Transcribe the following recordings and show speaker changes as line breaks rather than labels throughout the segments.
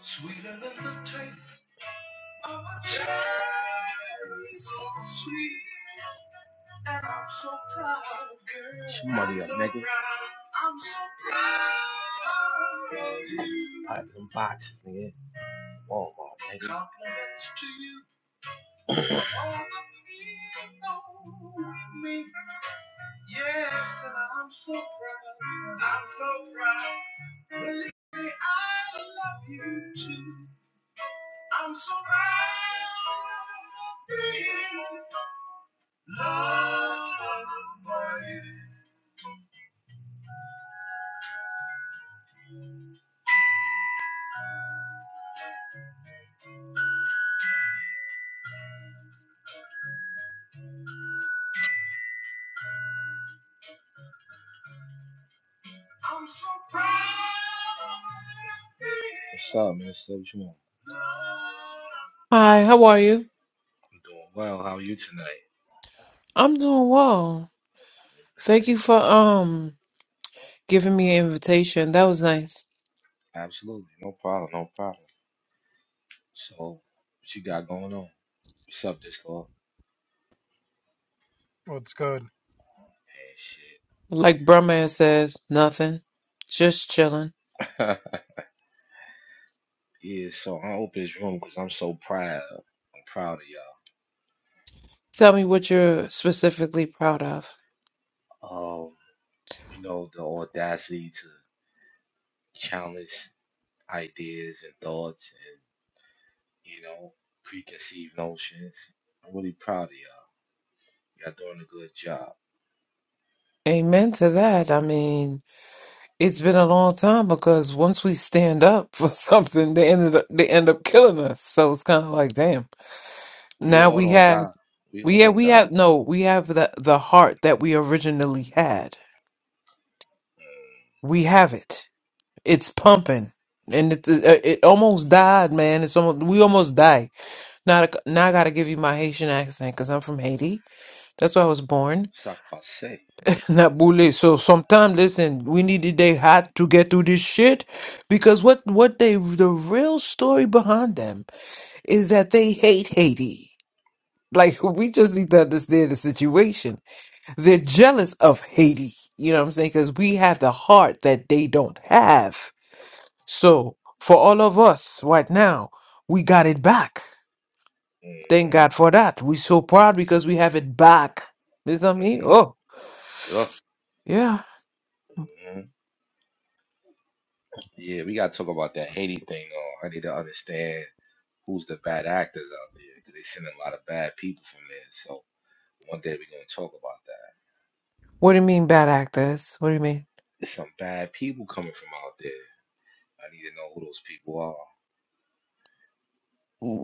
Sweeter than the taste of a cherry, so sweet, and I'm so proud, girl. Somebody up, nigga. I'm so proud of you. I like them boxes, nigga. Walmart, nigga. Compliments to you, all the people with me. Yes, and I'm so proud. I'm so proud. Believe me, I love you too. I'm surrounded being loved I'm so proud What's up, man? So what you want?
Hi, how are you?
I'm doing well. How are you tonight?
I'm doing well.
Okay.
Thank you for um giving me an invitation. That was nice.
Absolutely. No problem. No problem. So, what you got going on? What's up, Discord?
What's good?
Man,
Like Brahman says, nothing. Just chilling.
shit. yeah, so I open this room because I'm so proud. I'm proud of
Tell me what you're specifically proud of.
y'all. Um, you know, the audacity to challenge ideas and thoughts and, you know, preconceived notions. I'm really proud of y'all. Y'all doing a good job.
Amen to that. I mean, it's been a long time because once we stand up for something, they ended up they end up killing us. So it's kind of like, damn.
We
Now
all
we
don't
have
die. We all
we yeah
don't
we
die.
have no we have the the heart that we originally had. We have it. It's pumping, and it's it, uh, it almost died, man. It's almost we almost died. Now, I- now I gotta give you my Haitian accent because I'm from Haiti. That's where I was born,
Ça passe.
not Boule. So sometimes, listen, we need the day hot to get through this shit because what what they the real story behind them is that they hate Haiti. Like we just need to understand the situation. They're jealous of Haiti. You know what I'm saying? Because we have the heart that they don't have So for all of us right now, we got it back. Thank
hmm
God for that. We're so proud because we have it back. Is that me?
hmm
Oh,
Ugh.
yeah.
hmm Yeah, we gotta talk about that Haiti thing. though. I need to understand who's the bad actors out there because they sending a lot of bad people from there. So one day we're gonna talk about that.
What do you mean bad actors? What do you mean?
There's some bad people coming from out there. I need to know who those people are.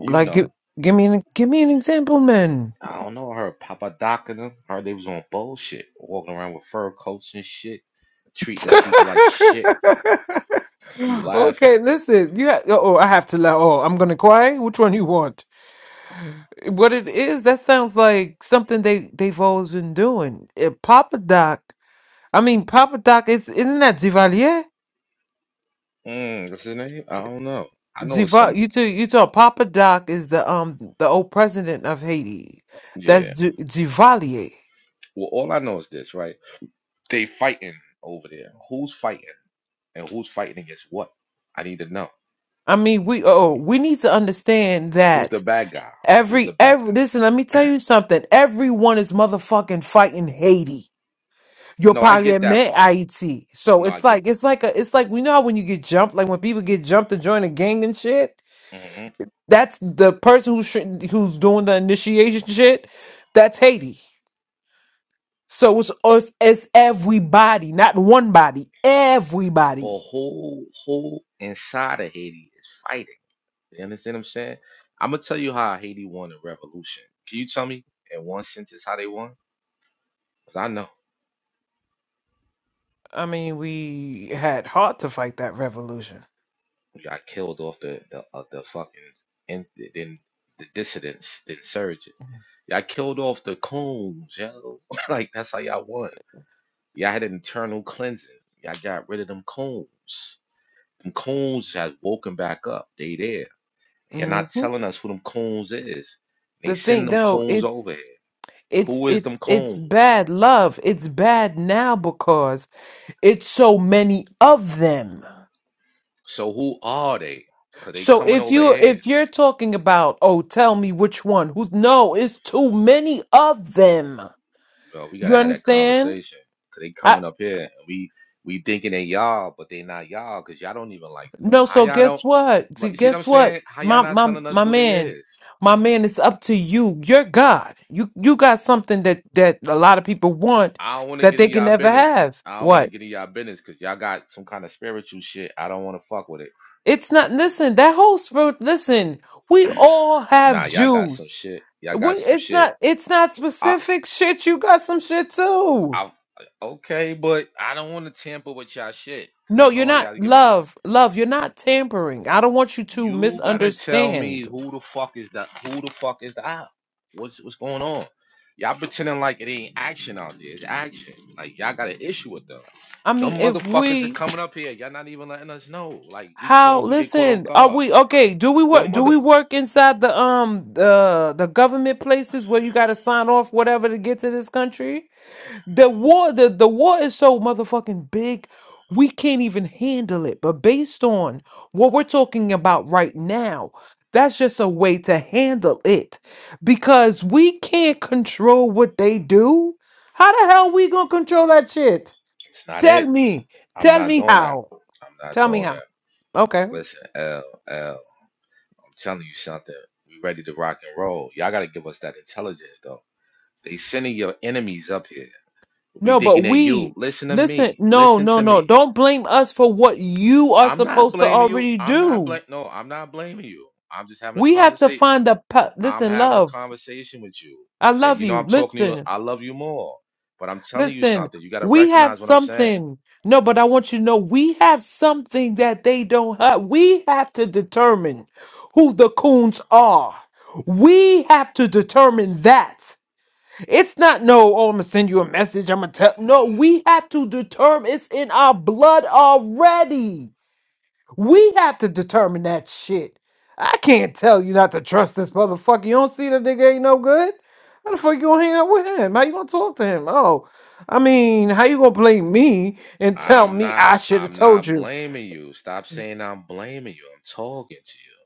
You know.
give, give me an give me an example, man.
I don't know. I heard Papa Doc and them. I heard they was on bullshit, walking around with fur coats and shit, treating people like shit. You laughing?
okay, listen. You ha- oh, oh, I have to laugh. Oh, I'm gonna cry. Which one you want? What it is? That sounds like something they they've always been doing. Eh, Papa Doc. I mean, Papa Doc is isn't that Duvalier?
Mm, what's his name? I don't know. I know it's
Ziva,
some.
you too. You talk. Papa Doc is the um the old president of Haiti. That's
Yeah.
G- Givalier.
Well, all I know is this, right? They fighting over there. Who's fighting and who's fighting against what? I need to know.
I mean, we oh we need to understand
Who's the
that
bad guy? Who's the
every
bad
every
guy?
listen. Let me tell you something. Everyone is motherfucking fighting Haiti. Your
No, I get that
parliament
part.
Haiti. So
No, I
it's
get.
like it's like a it's like we know how when you get jumped, like when people get jumped to join a gang and shit.
hmm
That's the person who's who's doing the initiation shit. That's Haiti. So it's us it's everybody, not one body,
But
everybody.
who who inside of Haiti is fighting? You understand what I'm saying? I'm gonna tell you how Haiti won the revolution. Can you tell me in one sentence how they won? Cause I know
I mean, we had heart to fight that revolution.
we got killed off the the of the fucking and then the dissidents, the insurgent. Y'all killed off the coons, yo. like that's how y'all won. Y'all had an internal cleansing. Y'all got rid of them coons. Them coons has woken back up. They there. You're
hmm
not telling us who them coons is. They
The
send
thing,
them
no,
coons over here.
it's it's
Who is them
it's it's
coons?
bad love. It's bad now because it's so many of them.
So who are they? Cause they
So
coming
if
over
you
here,
if you're talking about, oh, tell me which one, who's no, it's too many of them.
bro. We
You
gotta have that
understand?
conversation. Cause they coming up here, and we we thinking they y'all, but they not y'all. Cause y'all don't even like them.
No,
How
so
y'all
guess
don't?
what?
But
G-
you see what I'm
Guess what?
saying? How y'all
My
not
my
telling us
my
who they
man,
is?
my
Mhm.
man, it's up to you. You're God. You you got something that that a lot of people want
I don't want to
that
get in
they can
y'all
never
business.
have.
I don't want to
What?
get in y'all business because y'all got some kind of spiritual shit. I don't want to fuck with it.
It's not. Listen, that whole spirit. Listen, we all have
Nah, y'all got some
juice.
shit. Y'all
We,
got some
it's
shit.
not. It's not
I
specific shit. You got some shit too.
I okay, but I don't want to tamper with y'all shit because
No,
I know
you're
how
not.
y'all give it up.
Love, love. You're not tampering. I don't want you to
You gotta tell me
misunderstand.
who the fuck is the who the fuck is the op? What's what's going on? Y'all pretending like it ain't action out there. It's action. Like y'all got an issue with them.
I
Them
mean, if
motherfuckers are
we
coming up here. Y'all not even letting us know. Like we
How?
caught, we get caught off
Listen, are
guard.
we okay? Do we
Them
work? Do
mother.
we work inside the um the the government places where you got to sign off whatever to get to this country? The war, the the war is so motherfucking big, we can't even handle it. But based on what we're talking about right now, that's just a way to handle it because we can't control what they do. How the hell we gonna control that shit?
It's not
Tell
it.
me,
I'm
tell
not
me
doing that.
how.
I'm not
Tell me
doing
how.
that.
Okay,
Listen, L L. I'm telling you something. We ready to rock and roll. Y'all gotta give us that intelligence though. They sending your enemies up here. We
No,
thinking
but
that you.
we
Listen to me.
listen, no,
Listen
no,
to
no.
me.
Don't blame us for what you are
I'm not
supposed to
blaming you.
already
I'm not
do.
blame. No, I'm not blaming you. I'm just having a
We have to
conversation.
find the pa-
I'm
listen,
having a
love.
conversation with you,
I
and
love
you know
you.
I'm talking to you.
Listen,
I love you more, but I'm telling you
listen.
something. You got to
We have
recognize what I'm saying.
something. No, but I want you to know we have something that they don't have. We have to determine who the coons are. We have to determine that. It's not no, oh, I'm gonna send you a message. I'm gonna tell. No, we have to determine it's in our blood already. We have to determine that shit. I can't tell you not to trust this motherfucker. You don't see that nigga ain't no good. How the fuck you gonna hang out with him? How you gonna talk to him? Oh, I mean, how you gonna blame me and tell
I'm
me
not.
I should have
I'm
told
not
you?
blaming you. Stop saying I'm blaming you. I'm talking to you.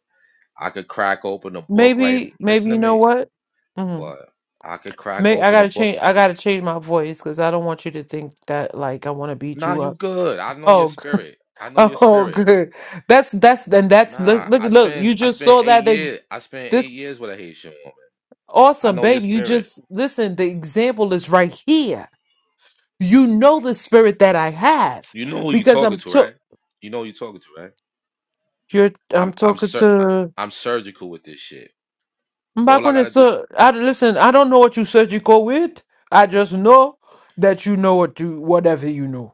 I could crack open a book right.
Maybe,
Listen
maybe
to
you know
me.
what? hmm
What? I could crack
May I
open a
gotta
book.
change. I gotta change my voice because I don't want you to think that like I want to beat
Nah,
you
you
up.
good. I know your
Oh
spirit. I know your
Oh,
spirit.
good. That's that's and that's look
Nah,
look
I
look. You
spent I
just
spent
saw
eight
that they,
years. I spent
this
eight years with a Haitian woman. I
awesome
know your
baby. You
spirit.
just listen. The example is right here. You know the spirit that I have
You know who you
because
talking
I'm
to,
to
right? You know who you talking to, right?
you're I'm
I'm I'm
talking
sur- I-
to.
I'm surgical with this shit.
I'm back
All I
when
gotta
it's
do,
uh, I listen. I don't know what you said you go with. I just know that you know what you whatever you know.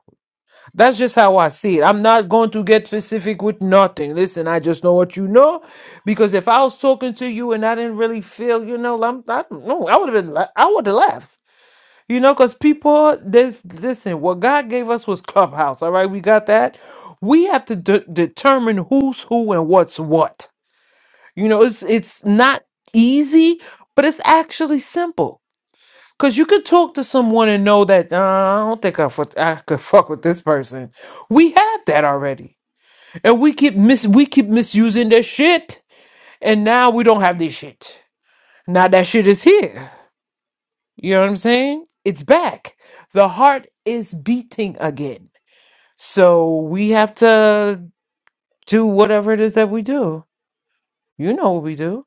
That's just how I see it. I'm not going to get specific with nothing. Listen, I just know what you know, because if I was talking to you and I didn't really feel, you know, I'm, I, no, I would have been, la- I would have laughed, you know, because people, this, listen, what God gave us was clubhouse. All right, we got that. We have to de- determine who's who and what's what. You know, it's it's not easy, but it's actually simple. Cause you could talk to someone and know that uh, I don't think I, fu- I could fuck with this person. We have that already, and we keep mis we keep misusing that shit, and now we don't have this shit. Now that shit is here. You know what I'm saying? It's back. The heart is beating again. So we have to do whatever it is that we do. You know what we do,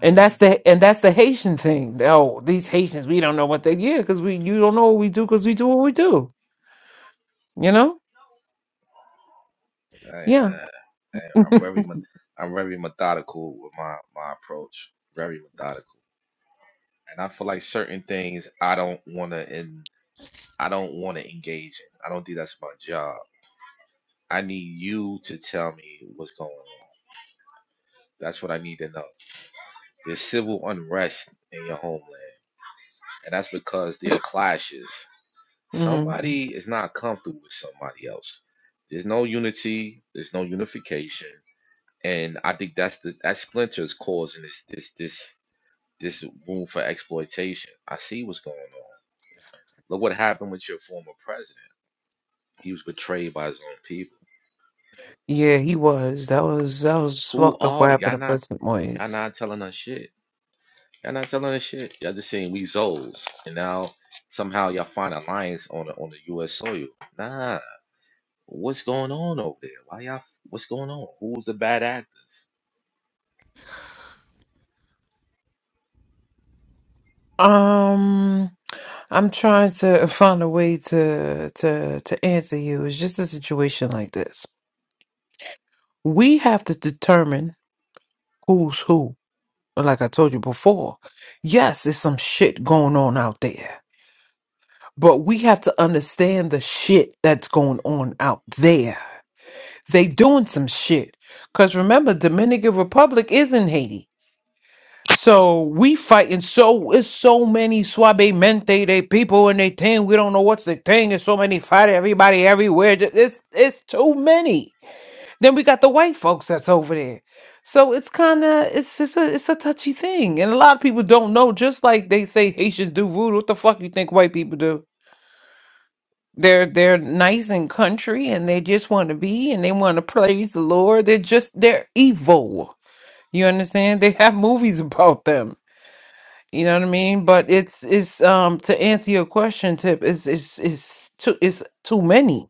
and that's
Alright,
the and that's the Haitian thing. Oh, these Haitians, we don't know what they yeah, cause we you don't know what we do, cause we do what we do. You know.
hey man,
Yeah.
hey, I'm very me- I'm very methodical with my my approach. Very methodical, and I feel like certain things I don't wanna in I don't wanna engage in. I don't think that's my job. I need you to tell me what's going on. That's what I need to know. There's civil unrest in your homeland, and that's because there are clashes.
hmm
Somebody is not comfortable with somebody else. There's no unity. There's no unification, and I think that's the that splinter is causing this this this this room for exploitation. I see what's going on. Look what happened with your former president. He was betrayed by his own people.
Yeah, he was. That was that was
Who
fucked up
are
what happened
y'all?
to
Not
President
y'all
Moyes.
not telling us shit. Y'all not telling us shit. Y'all just saying we Zoles, and now somehow y'all find alliance on the, on the U.S. soil. Nah, What's going on over there? Why y'all? What's going on? Who's the bad actors?
Um I'm trying to find a way to to to answer you. It's just a situation like this. We have to determine who's who. Like I told you before. Yes, there's some shit going on out there. But we have to understand the shit that's going on out there. They doing some shit. Cause remember, Dominican Republic is in Haiti. So we fighting so it's so many suavemente they people and they thing. We don't know what's the thing. It's so many fighting everybody everywhere. Ju- It's it's too many. Then we got the white folks that's over there. So it's kinda it's just a it's a touchy thing. And a lot of people don't know, just like they say Haitians do voodoo. What the fuck you think white people do? They're they're nice and country and they just want to be and they want to praise the Lord. They're just they're evil. You understand? They have movies about them you know what I mean? But it's it's um to answer your question, Tip, is is is too it's too many.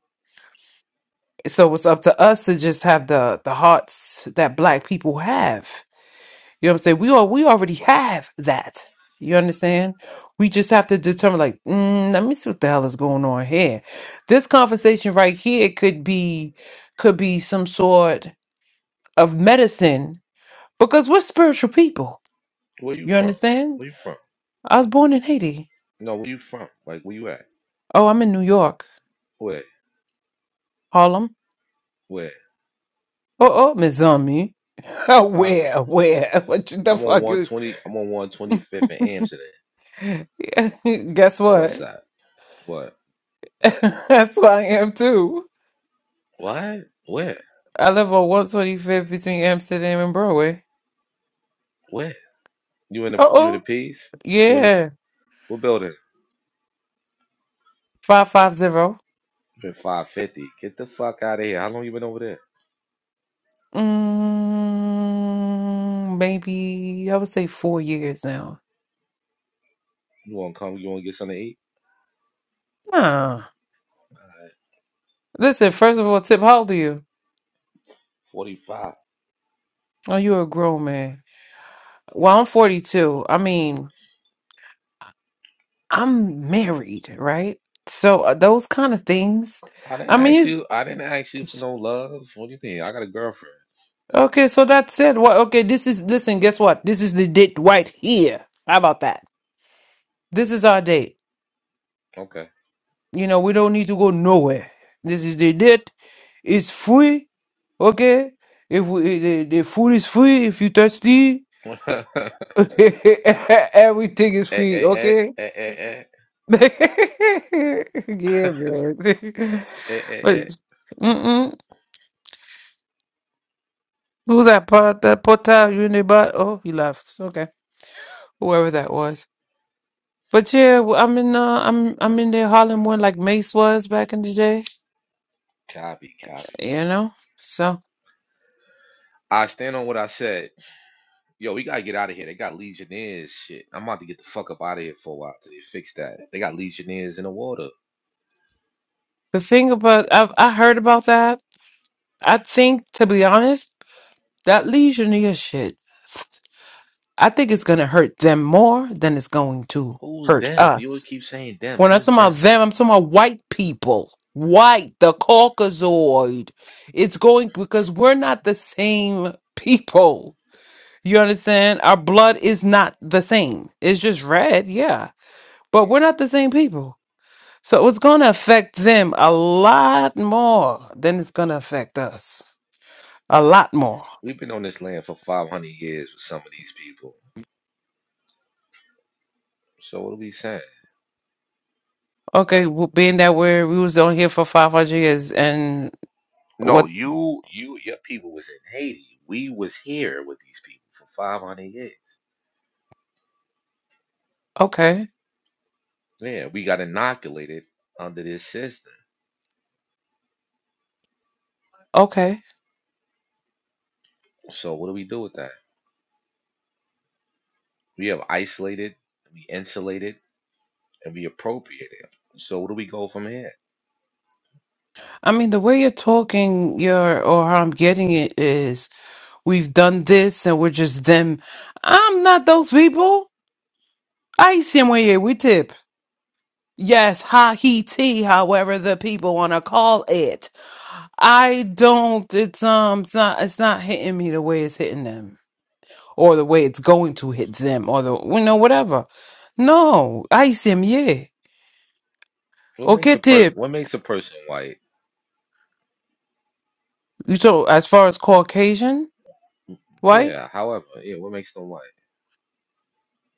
So it's up to us to just have the the hearts that black people have. You know what I'm saying? We are we already have that. You understand? We just have to determine like, mm, let me see what the hell is going on here. This conversation right here could be could be some sort of medicine because we're spiritual people.
Where you
You
from?
understand?
Where you from?
I was born in Haiti.
No, where you from? Like where you at?
Oh, I'm in New York.
Where?
Harlem.
Where?
Oh, oh, Miss Zombie. Oh,
Huh?
where, where? What you- the
I'm on
fuck you?
120. I'm on 125th and Amsterdam.
Guess
What
what?
side? What?
That's where I am too.
What? Where?
I live on 125th between Amsterdam and Broadway.
Where? You in the
Oh,
you in the
oh,
piece? You in the
yeah.
what building?
550.
You in 550. Get the fuck out of here. How long you been over there?
Mm, maybe, I would say four years now.
You wanna come? You wanna get something to eat?
Nah, Listen, first of all, Tip, how old are you?
45.
Oh, you're a grown man. Well, I'm 42. I mean, I'm married, right? So uh, those kind of things.
I
I
didn't
mean,
ask you. I didn't ask you for
it's
no love. What do you mean? I got a girlfriend.
okay. So that said, what? Okay, this is listen. Guess what? This is the date right here. How about that? This is our date. You know, we don't need to go nowhere. This is the date. It's free. Okay, if we, eh, the, the food is free, if you thirsty,
Okay.
everything is
Eh,
free.
eh, eh,
Okay.
eh, eh, eh,
yeah, man.
eh, eh, eh.
But,
eh.
mm-mm. Who's that part? That Portal Unibot? Oh, he left. Okay, whoever that was. But yeah, w- I'm in. Uh, I'm I'm in there Harlem one like Mace was back in the day.
Copy, copy.
You know. So
I stand on what I said. Yo, we gotta get out of here. They got Legionnaires. Shit, I'm about to get the fuck up out of here for a while till they fix that. They got Legionnaires in the water.
the thing about I've I heard about that. I think to be honest, that Legionnaire shit. I think it's gonna hurt them more than it's going to
Who's
hurt
them? You would keep
us.
saying them.
When I'm
Who's
talking
them?
about them, I'm talking about white people. White, the Caucasoid. It's going because we're not the same people You understand? Our blood is not the same. It's just red, yeah. But we're not the same people. So it's going to affect them a lot more than it's going to affect us. A lot more.
We've been on this land for 500 years with some of these people. So what are we saying?
Okay, well, being that we're, we was on here for 500 years and
No,
what,
you, you, your people was in Haiti. We was here with these people for 500 years.
okay,
Yeah, we got inoculated under this system.
okay.
So what do we do with that? We have isolated, we insulated, and we appropriated. So where do we go from here?
I mean, the way you're talking, your or how I'm getting it is we've done this and we're just them. I'm not those people. I see them way here. we tip. Yes, Haiti, however the people want to call it. I don't it's um it's not it's not hitting me the way it's hitting them or the way it's going to hit them or the you know whatever. No, I see him, yeah.
What makes
Okay,
a per
tip.
what makes a person white?
So as far as Caucasian, right?
Yeah, however, yeah, what makes them white?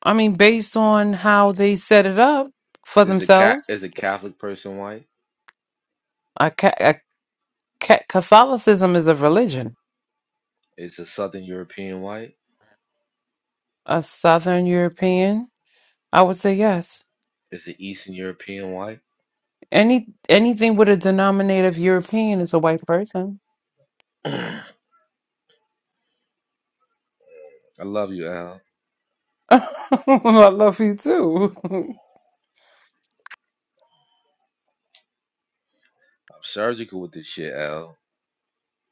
I mean based on how they set it up for
Is a cat
themselves,
is a Catholic person white?
a, ca- a ca- Catholicism is a religion.
Is a Southern European white?
A southern European, I would say yes.
Is an Eastern European white?
Any anything with a denominator of European is a white person.
I love you, Al.
I love you too.
I'm surgical with this shit, Al.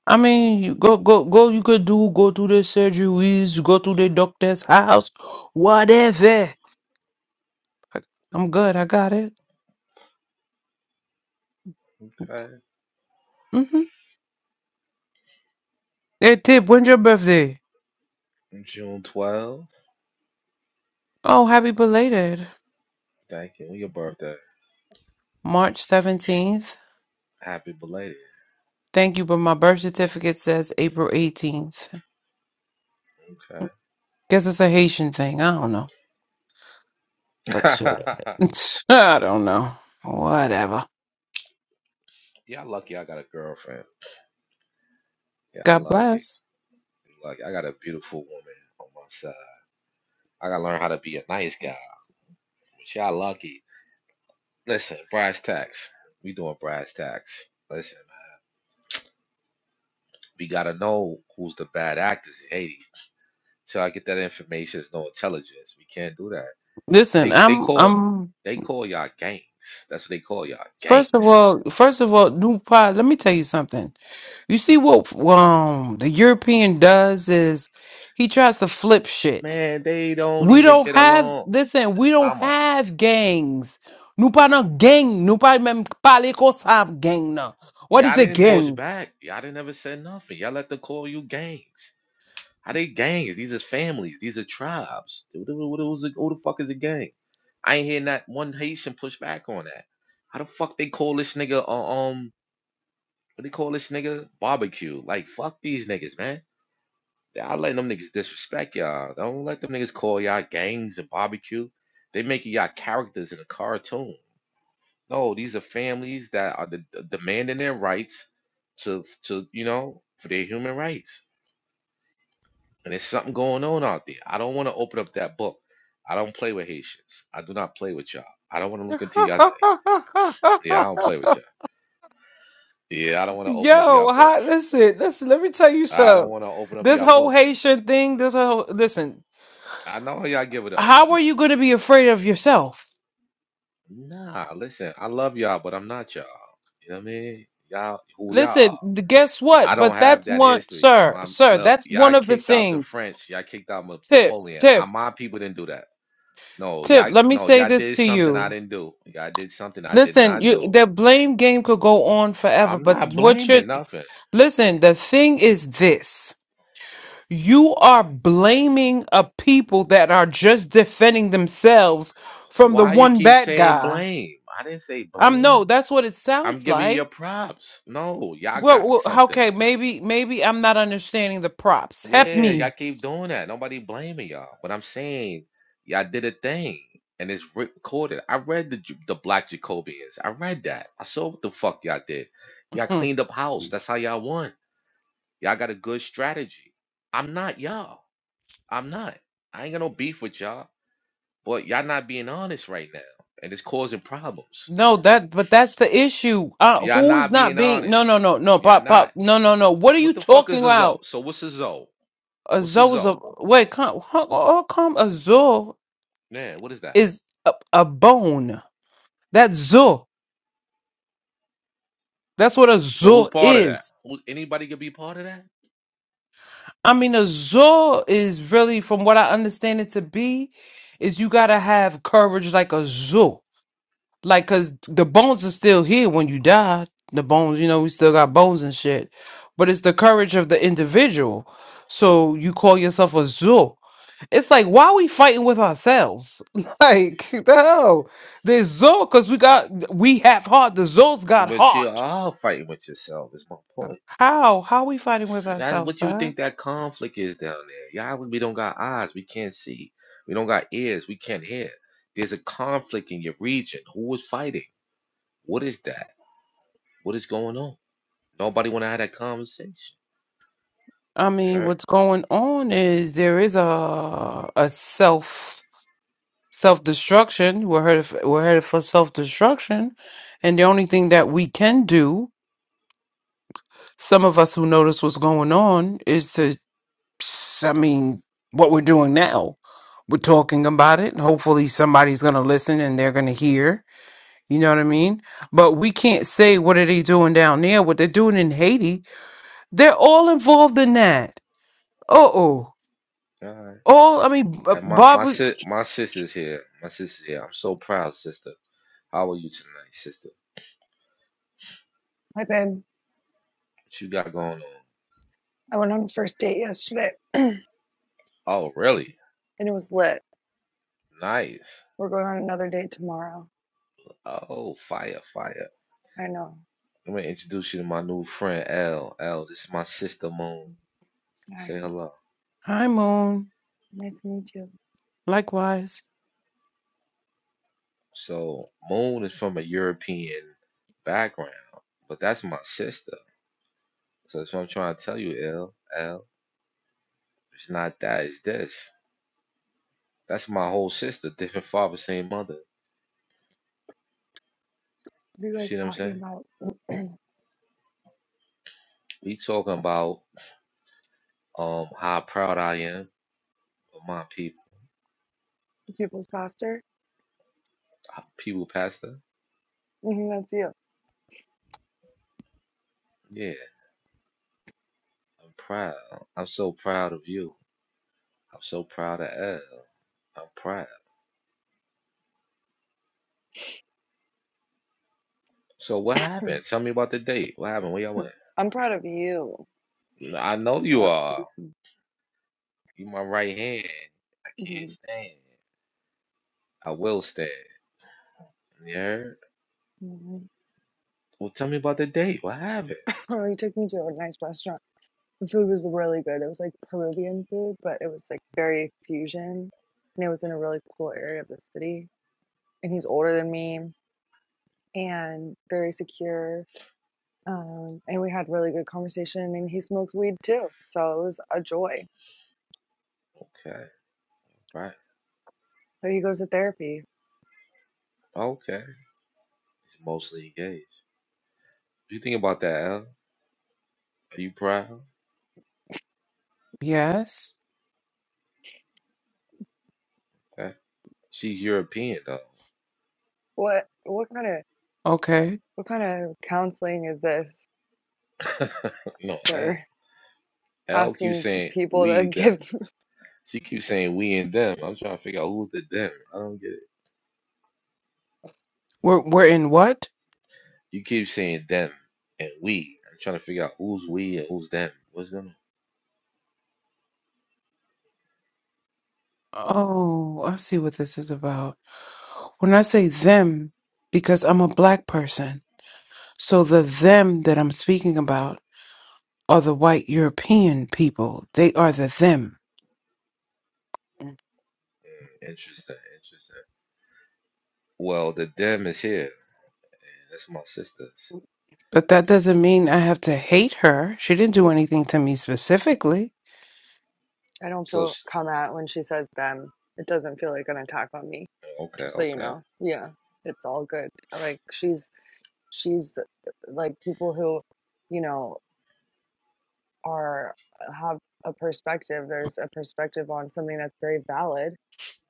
I mean, you go go go. You could do go to the surgeries, you go to the doctor's house, whatever. I'm good. I got it.
Okay.
Mm-hmm. Hey, Tip, when's your birthday?
June 12th.
Oh, happy belated.
Thank you. Your birthday.
March seventeenth.
Happy belated.
Thank you, but my birth certificate says April eighteenth.
Okay.
Guess it's a Haitian thing. I don't know, but shit, I don't know. Whatever.
Y'all lucky I got a girlfriend. Y'all
God
lucky.
bless.
Like I got a beautiful woman on my side. I gotta learn how to be a nice guy. But y'all lucky. Listen, brass tacks. We doing brass tacks. Listen, we gotta know who's the bad actors in Haiti. Till I get that information, there's no intelligence. We can't do that.
Listen,
They they
I'm
call
I'm
they call y'all gangs. That's what they call y'all
first of
gangs.
all first of all, new pod, let me tell you something. You see what um the European does is he tries to flip shit.
Man, they don't
We
even
don't
get
have
along.
listen, we don't
Mama,
have gangs. Nous pas nan gang, nous pas même parler comme ça gang now. What
y'all
is a
didn't push
gang?
back. Y'all didn't ever say nothing. Y'all let them call you gangs. How they gangs? These are families. These are tribes. What the, what the, what who the fuck is a gang? I ain't hear not one Haitian push back on that. How the fuck they call this nigga uh, um what they call this nigga barbecue? Like fuck these niggas, man. Y'all letting them niggas disrespect y'all. Don't let them niggas call y'all gangs and barbecue. They making y'all characters in a cartoon. No, these are families that are de- de- demanding their rights to to you know for their human rights. and there's something going on out there. I don't want to open up that book. I don't play with Haitians. I do not play with y'all. I don't want to look into y'all thing. Yeah, I don't play with y'all. Yeah, I don't want to open up y'all
Yo, hi,
books.
listen, listen, let me tell you
I don't
something.
want to open up
This
y'all
whole
books.
Haitian thing, this whole listen,
I know how y'all give it up.
how
I'm,
are you gonna be afraid of yourself?
nah, listen, I love y'all, but I'm not y'all. You know what I mean? Y'all, who y'all are.
Listen, th- guess
I
what?
don't
But
have
that's
that
one,
history.
sir,
My
sir,
look,
that's
y'all
one of the
kicked out the
things.
French. Y'all kicked out
Tip,
Napoleon. I,
tip,
my people didn't do that. No,
tip.
y'all,
Let me
no,
say
y'all
this
did
to
something I
you.
didn't do. Y'all did something I did
Listen,
not
you,
do
the blame game could go on forever,
I'm
but
not
what you're,
blaming nothing.
listen, the thing is this. You are blaming a people that are just defending themselves from the
Why you
one
keep
bad
saying
guy.
blame? I didn't say
Um, no,
blame.
that's what it
I'm
sounds
giving you your
like.
props. No, y'all
Well,
got
well
something.
okay, maybe, maybe I'm not understanding the props. Help
Yeah, y'all
me.
keep doing that. Nobody blaming y'all. But I'm saying y'all did a thing, and it's recorded. I read the Ju- the Black Jacobians. I read that. I saw what the fuck y'all did. Y'all cleaned up house. That's how y'all won. Y'all got a good strategy. I'm not y'all. I'm not. I ain't got no beef with y'all. But y'all not being honest right now, and it's causing problems.
No, that but that's the issue. Uh,
Y'all
who is
not
not
being
being? No,
honest.
no, no, no,
Y'all
pop,
not.
pop, no, no, no. What are
What
you
the fuck
talking
is a zo?
about?
So what's a zo? What's a
Azor is a
zo?
wait. Come, huh, oh, come. Azor
Man, what is that?
is a, a bone. That's Zor. That's what a
So who's
Zor
part of that?
is.
Who, anybody could be part of that?
I mean, a Zor is really, from what I understand it to be, is you gotta have courage like a Zor. Like, cause the bones are still here when you die. The bones, you know, we still got bones and shit. But it's the courage of the individual. So you call yourself a zoo. It's like, why are we fighting with ourselves? Like, the hell? There's zoo, cause we got, we have heart. The zoo's got
But you are
heart.
all fighting with yourself is my point.
How? How we fighting with
That's
ourselves,
what you
huh?
think that conflict is down there. Y'all, we don't got eyes, we can't see. We don't got ears, we can't hear. There's a conflict in your region. Who is fighting? What is that? What is going on? Nobody want to have that conversation.
I
All
mean,
right.
what's going on is there is a a self self destruction. We're headed for, we're headed for self destruction, and the only thing that we can do, some of us who notice what's going on, is to, I mean, what we're doing now. We're talking about it, and hopefully somebody's gonna listen and they're gonna hear. You know what I mean? But we can't say what are they doing down there, what they're doing in Haiti. They're all involved in that. Uh oh.
All right.
All I mean, b-
I, my
Bob.
my sis my sister's here. My sister's here. I'm so proud, sister. How are you tonight, sister?
Hi, babe.
What you got going on?
I went on a first date yesterday
Oh, really?
and it was lit.
Nice.
We're going on another date tomorrow.
Oh, fire, fire.
I know.
I'm gonna introduce you to my new friend L. L, this is my sister Moon.
Hi.
Say hello.
Hi, Moon.
Nice to meet you. Are
Likewise.
So Moon is from a European background, but that's my sister. So that's what I'm trying to tell you, L. L. It's not that, it's this. That's my whole sister, different father, same mother. You
you
see
guys
what I'm
talking
saying?
about
We talking about um how proud I am of my people,
people's pastor?
people, Pastor.
hmm that's you.
Yeah, I'm proud. I'm so proud of you. I'm so proud of Elle. I'm proud. So what happened? Tell me about the date. What happened? Where y'all went?
I'm proud of you.
N- I know you
Uh,
are.
mhm,
You my right hand. I can't
mhm,
stand. I will stand. You heard?
mhm.
Well, tell me about the date. What happened?
Oh, you took me to a nice restaurant. The food was really good. It was like Peruvian food, but it was like very fusion. And it was in a really cool area of the city. And he's older than me and very secure Um, and we had really good conversation and he smokes weed too. So it was a joy.
Okay, right.
So he goes to therapy.
Okay. He's mostly engaged. you think about that, Elle? Are you proud?
Yes.
Okay. She's European
What what kind of
Okay.
what kind of counseling is this,
though. no, Elle.
sir?
LQ
Asking
saying
people to
we them.
give
CQ saying we and them. I'm trying to figure out who's the them. I don't get it.
We're we're in what?
You keep saying them and we. I'm trying to figure out who's we and who's them. What's going on?
Oh, I see what this is about. When I say them, because I'm a black person, so the them that I'm speaking about are the white European people. They are the them.
Interesting, interesting. Well, the them is here. and That's my sister. So,
But that doesn't mean I have to hate her. She didn't do
yeah.
anything to me specifically.
I don't
so
feel come at when she says them. It doesn't feel like an attack on me.
okay,
Just so you
okay.
know. Yeah. It's all good. Like she's she's like people who, you know, are have a perspective. There's a perspective on something that's very valid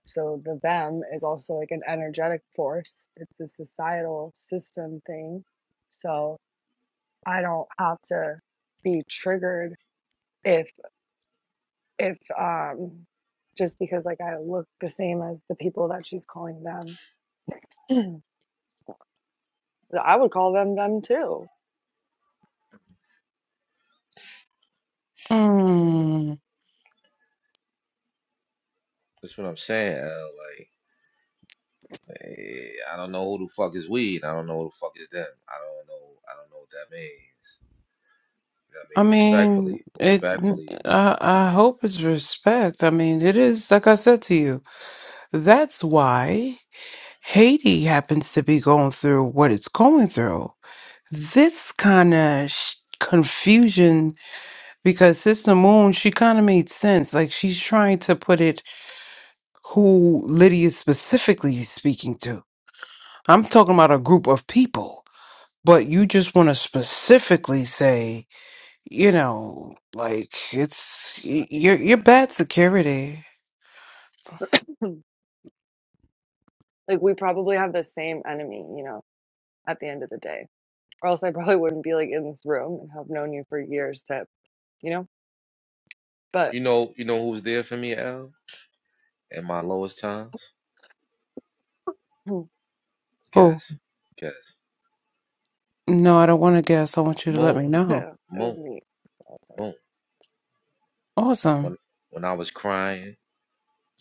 So the them is also like an energetic force. It's a societal system thing. So I don't have to be triggered if if um just because like I look the same as the people that she's calling them. I would call them them too.
Mm,
That's what I'm saying. L. Like, eh, I don't know who the fuck is we, and I don't know who the fuck is them. I don't know. I don't know what that means. You know what I
I
mean, respectfully,
mean, it.
respectfully.
I, I hope it's respect. I mean, it is like I said to you. That's why. Haiti happens to be going through what it's going through. This kind of sh- confusion, because Sister Moon, she kind of made sense. Like she's trying to put it who Lydia is specifically speaking to. I'm talking about a group of people, but you just want to specifically say, you know, like it's y- you're you're bad security.
Like we probably have the same enemy, you know, at the end of the day. Or else I probably wouldn't be like in this room and have known you for years to, you know. But
You know, you know who's there for me, L, in my lowest times.
Oh,
Guess, guess.
no, I don't want to guess. I want you to let
Moon,
me know.
it
moon,
was me. So,
moon.
Awesome.
When when I was crying,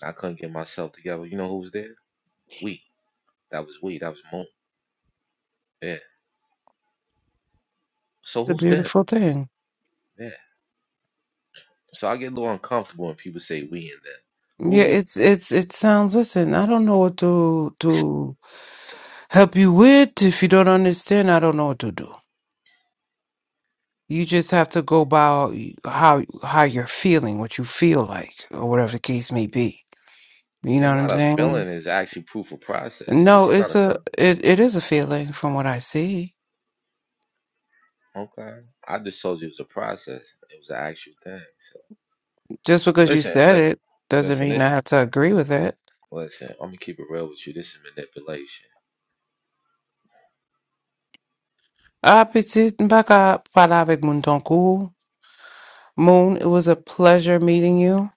I couldn't get myself together. You know who was there? We. That was we. That was moon. Yeah. So
It's a
who's them?
beautiful thing.
Yeah. So I get a little uncomfortable when people say we and them.
Yeah,
Who's we?
it's it's it sounds listen, I don't know what to to help you with. If you don't understand, I don't know what to do. You just have to go by how how you're feeling, what you feel like, or whatever the case may be. You know
It's
what I'm
not a feeling.
saying?
It's actually proof of process. This
No,
is not
it's
a
a
feeling.
it, it is a feeling from what I see.
Okay. I just told you it was a process. It was an actual thing. So
Just because you
listen,
said
li-
it doesn't
listen.
mean
It.
I have to agree
look,
with it.
Listen. I'm gonna keep it real with you. This is manipulation.
Ah, petit Mbaka, parla avec Moon Tonku. Moon, it was a pleasure meeting you.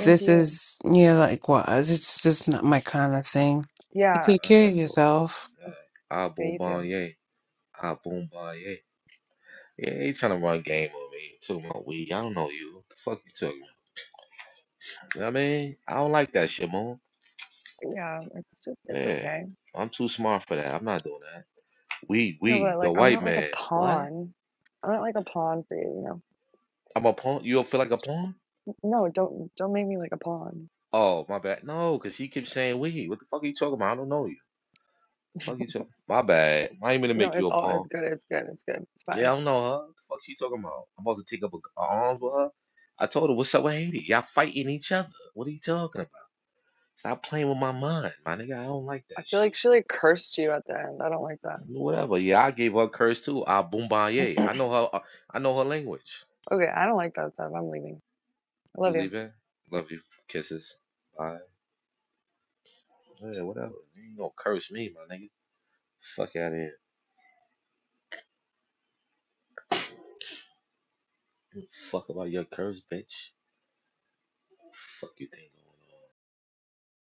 All
to
This
you.
is yeah, like what? It's just not my kind of thing. You
Yeah.
take
right. All right
care of
that's cool.
yourself.
All right. Ah,
Yeah,
boom,
you
bon,
too.
yeah. Ah, boom, boy, yeah. Yeah, he trying to run game on me. Too My weed. I don't know you. What The fuck you talking about? You know what I mean, I don't like that shit, man.
Yeah, it's just it's
Yeah,
okay.
I'm too smart for that. I'm not doing that. We,
No,
we,
but
the
like I'm
white
not like
man.
a
What?
pawn. I'm not like a pawn for you, you know.
I'm a pawn? You don't feel like a pawn?
No, don't don't make me like a pawn.
Oh, my bad. No, because he keeps saying we. What the fuck are you talking about? I don't know you. The fuck you talking My bad. I ain't gonna
No,
make you
it's
a
all
pawn.
it's good, it's good, it's good, it's
Yeah,
fine.
I don't know her. The fuck she talking about? I'm supposed to take up a, a arms with her? I told her, what's up with Haiti? Y'all fighting each other. What are you talking about? Stop playing with my mind, my nigga. I don't like
I
that
feel like
shit.
she like cursed you at the end. I don't like that.
Whatever. Yeah, I gave her a curse too. Ah, Boombaye. I know her. uh, I know her language.
Okay, I don't like that stuff. I'm leaving. I
You
love you.
leaving? Love you. Kisses. Bye. Yeah, whatever. You ain't gonna curse me, my nigga. Fuck out of here. Fuck about your curse, bitch. Fuck you think.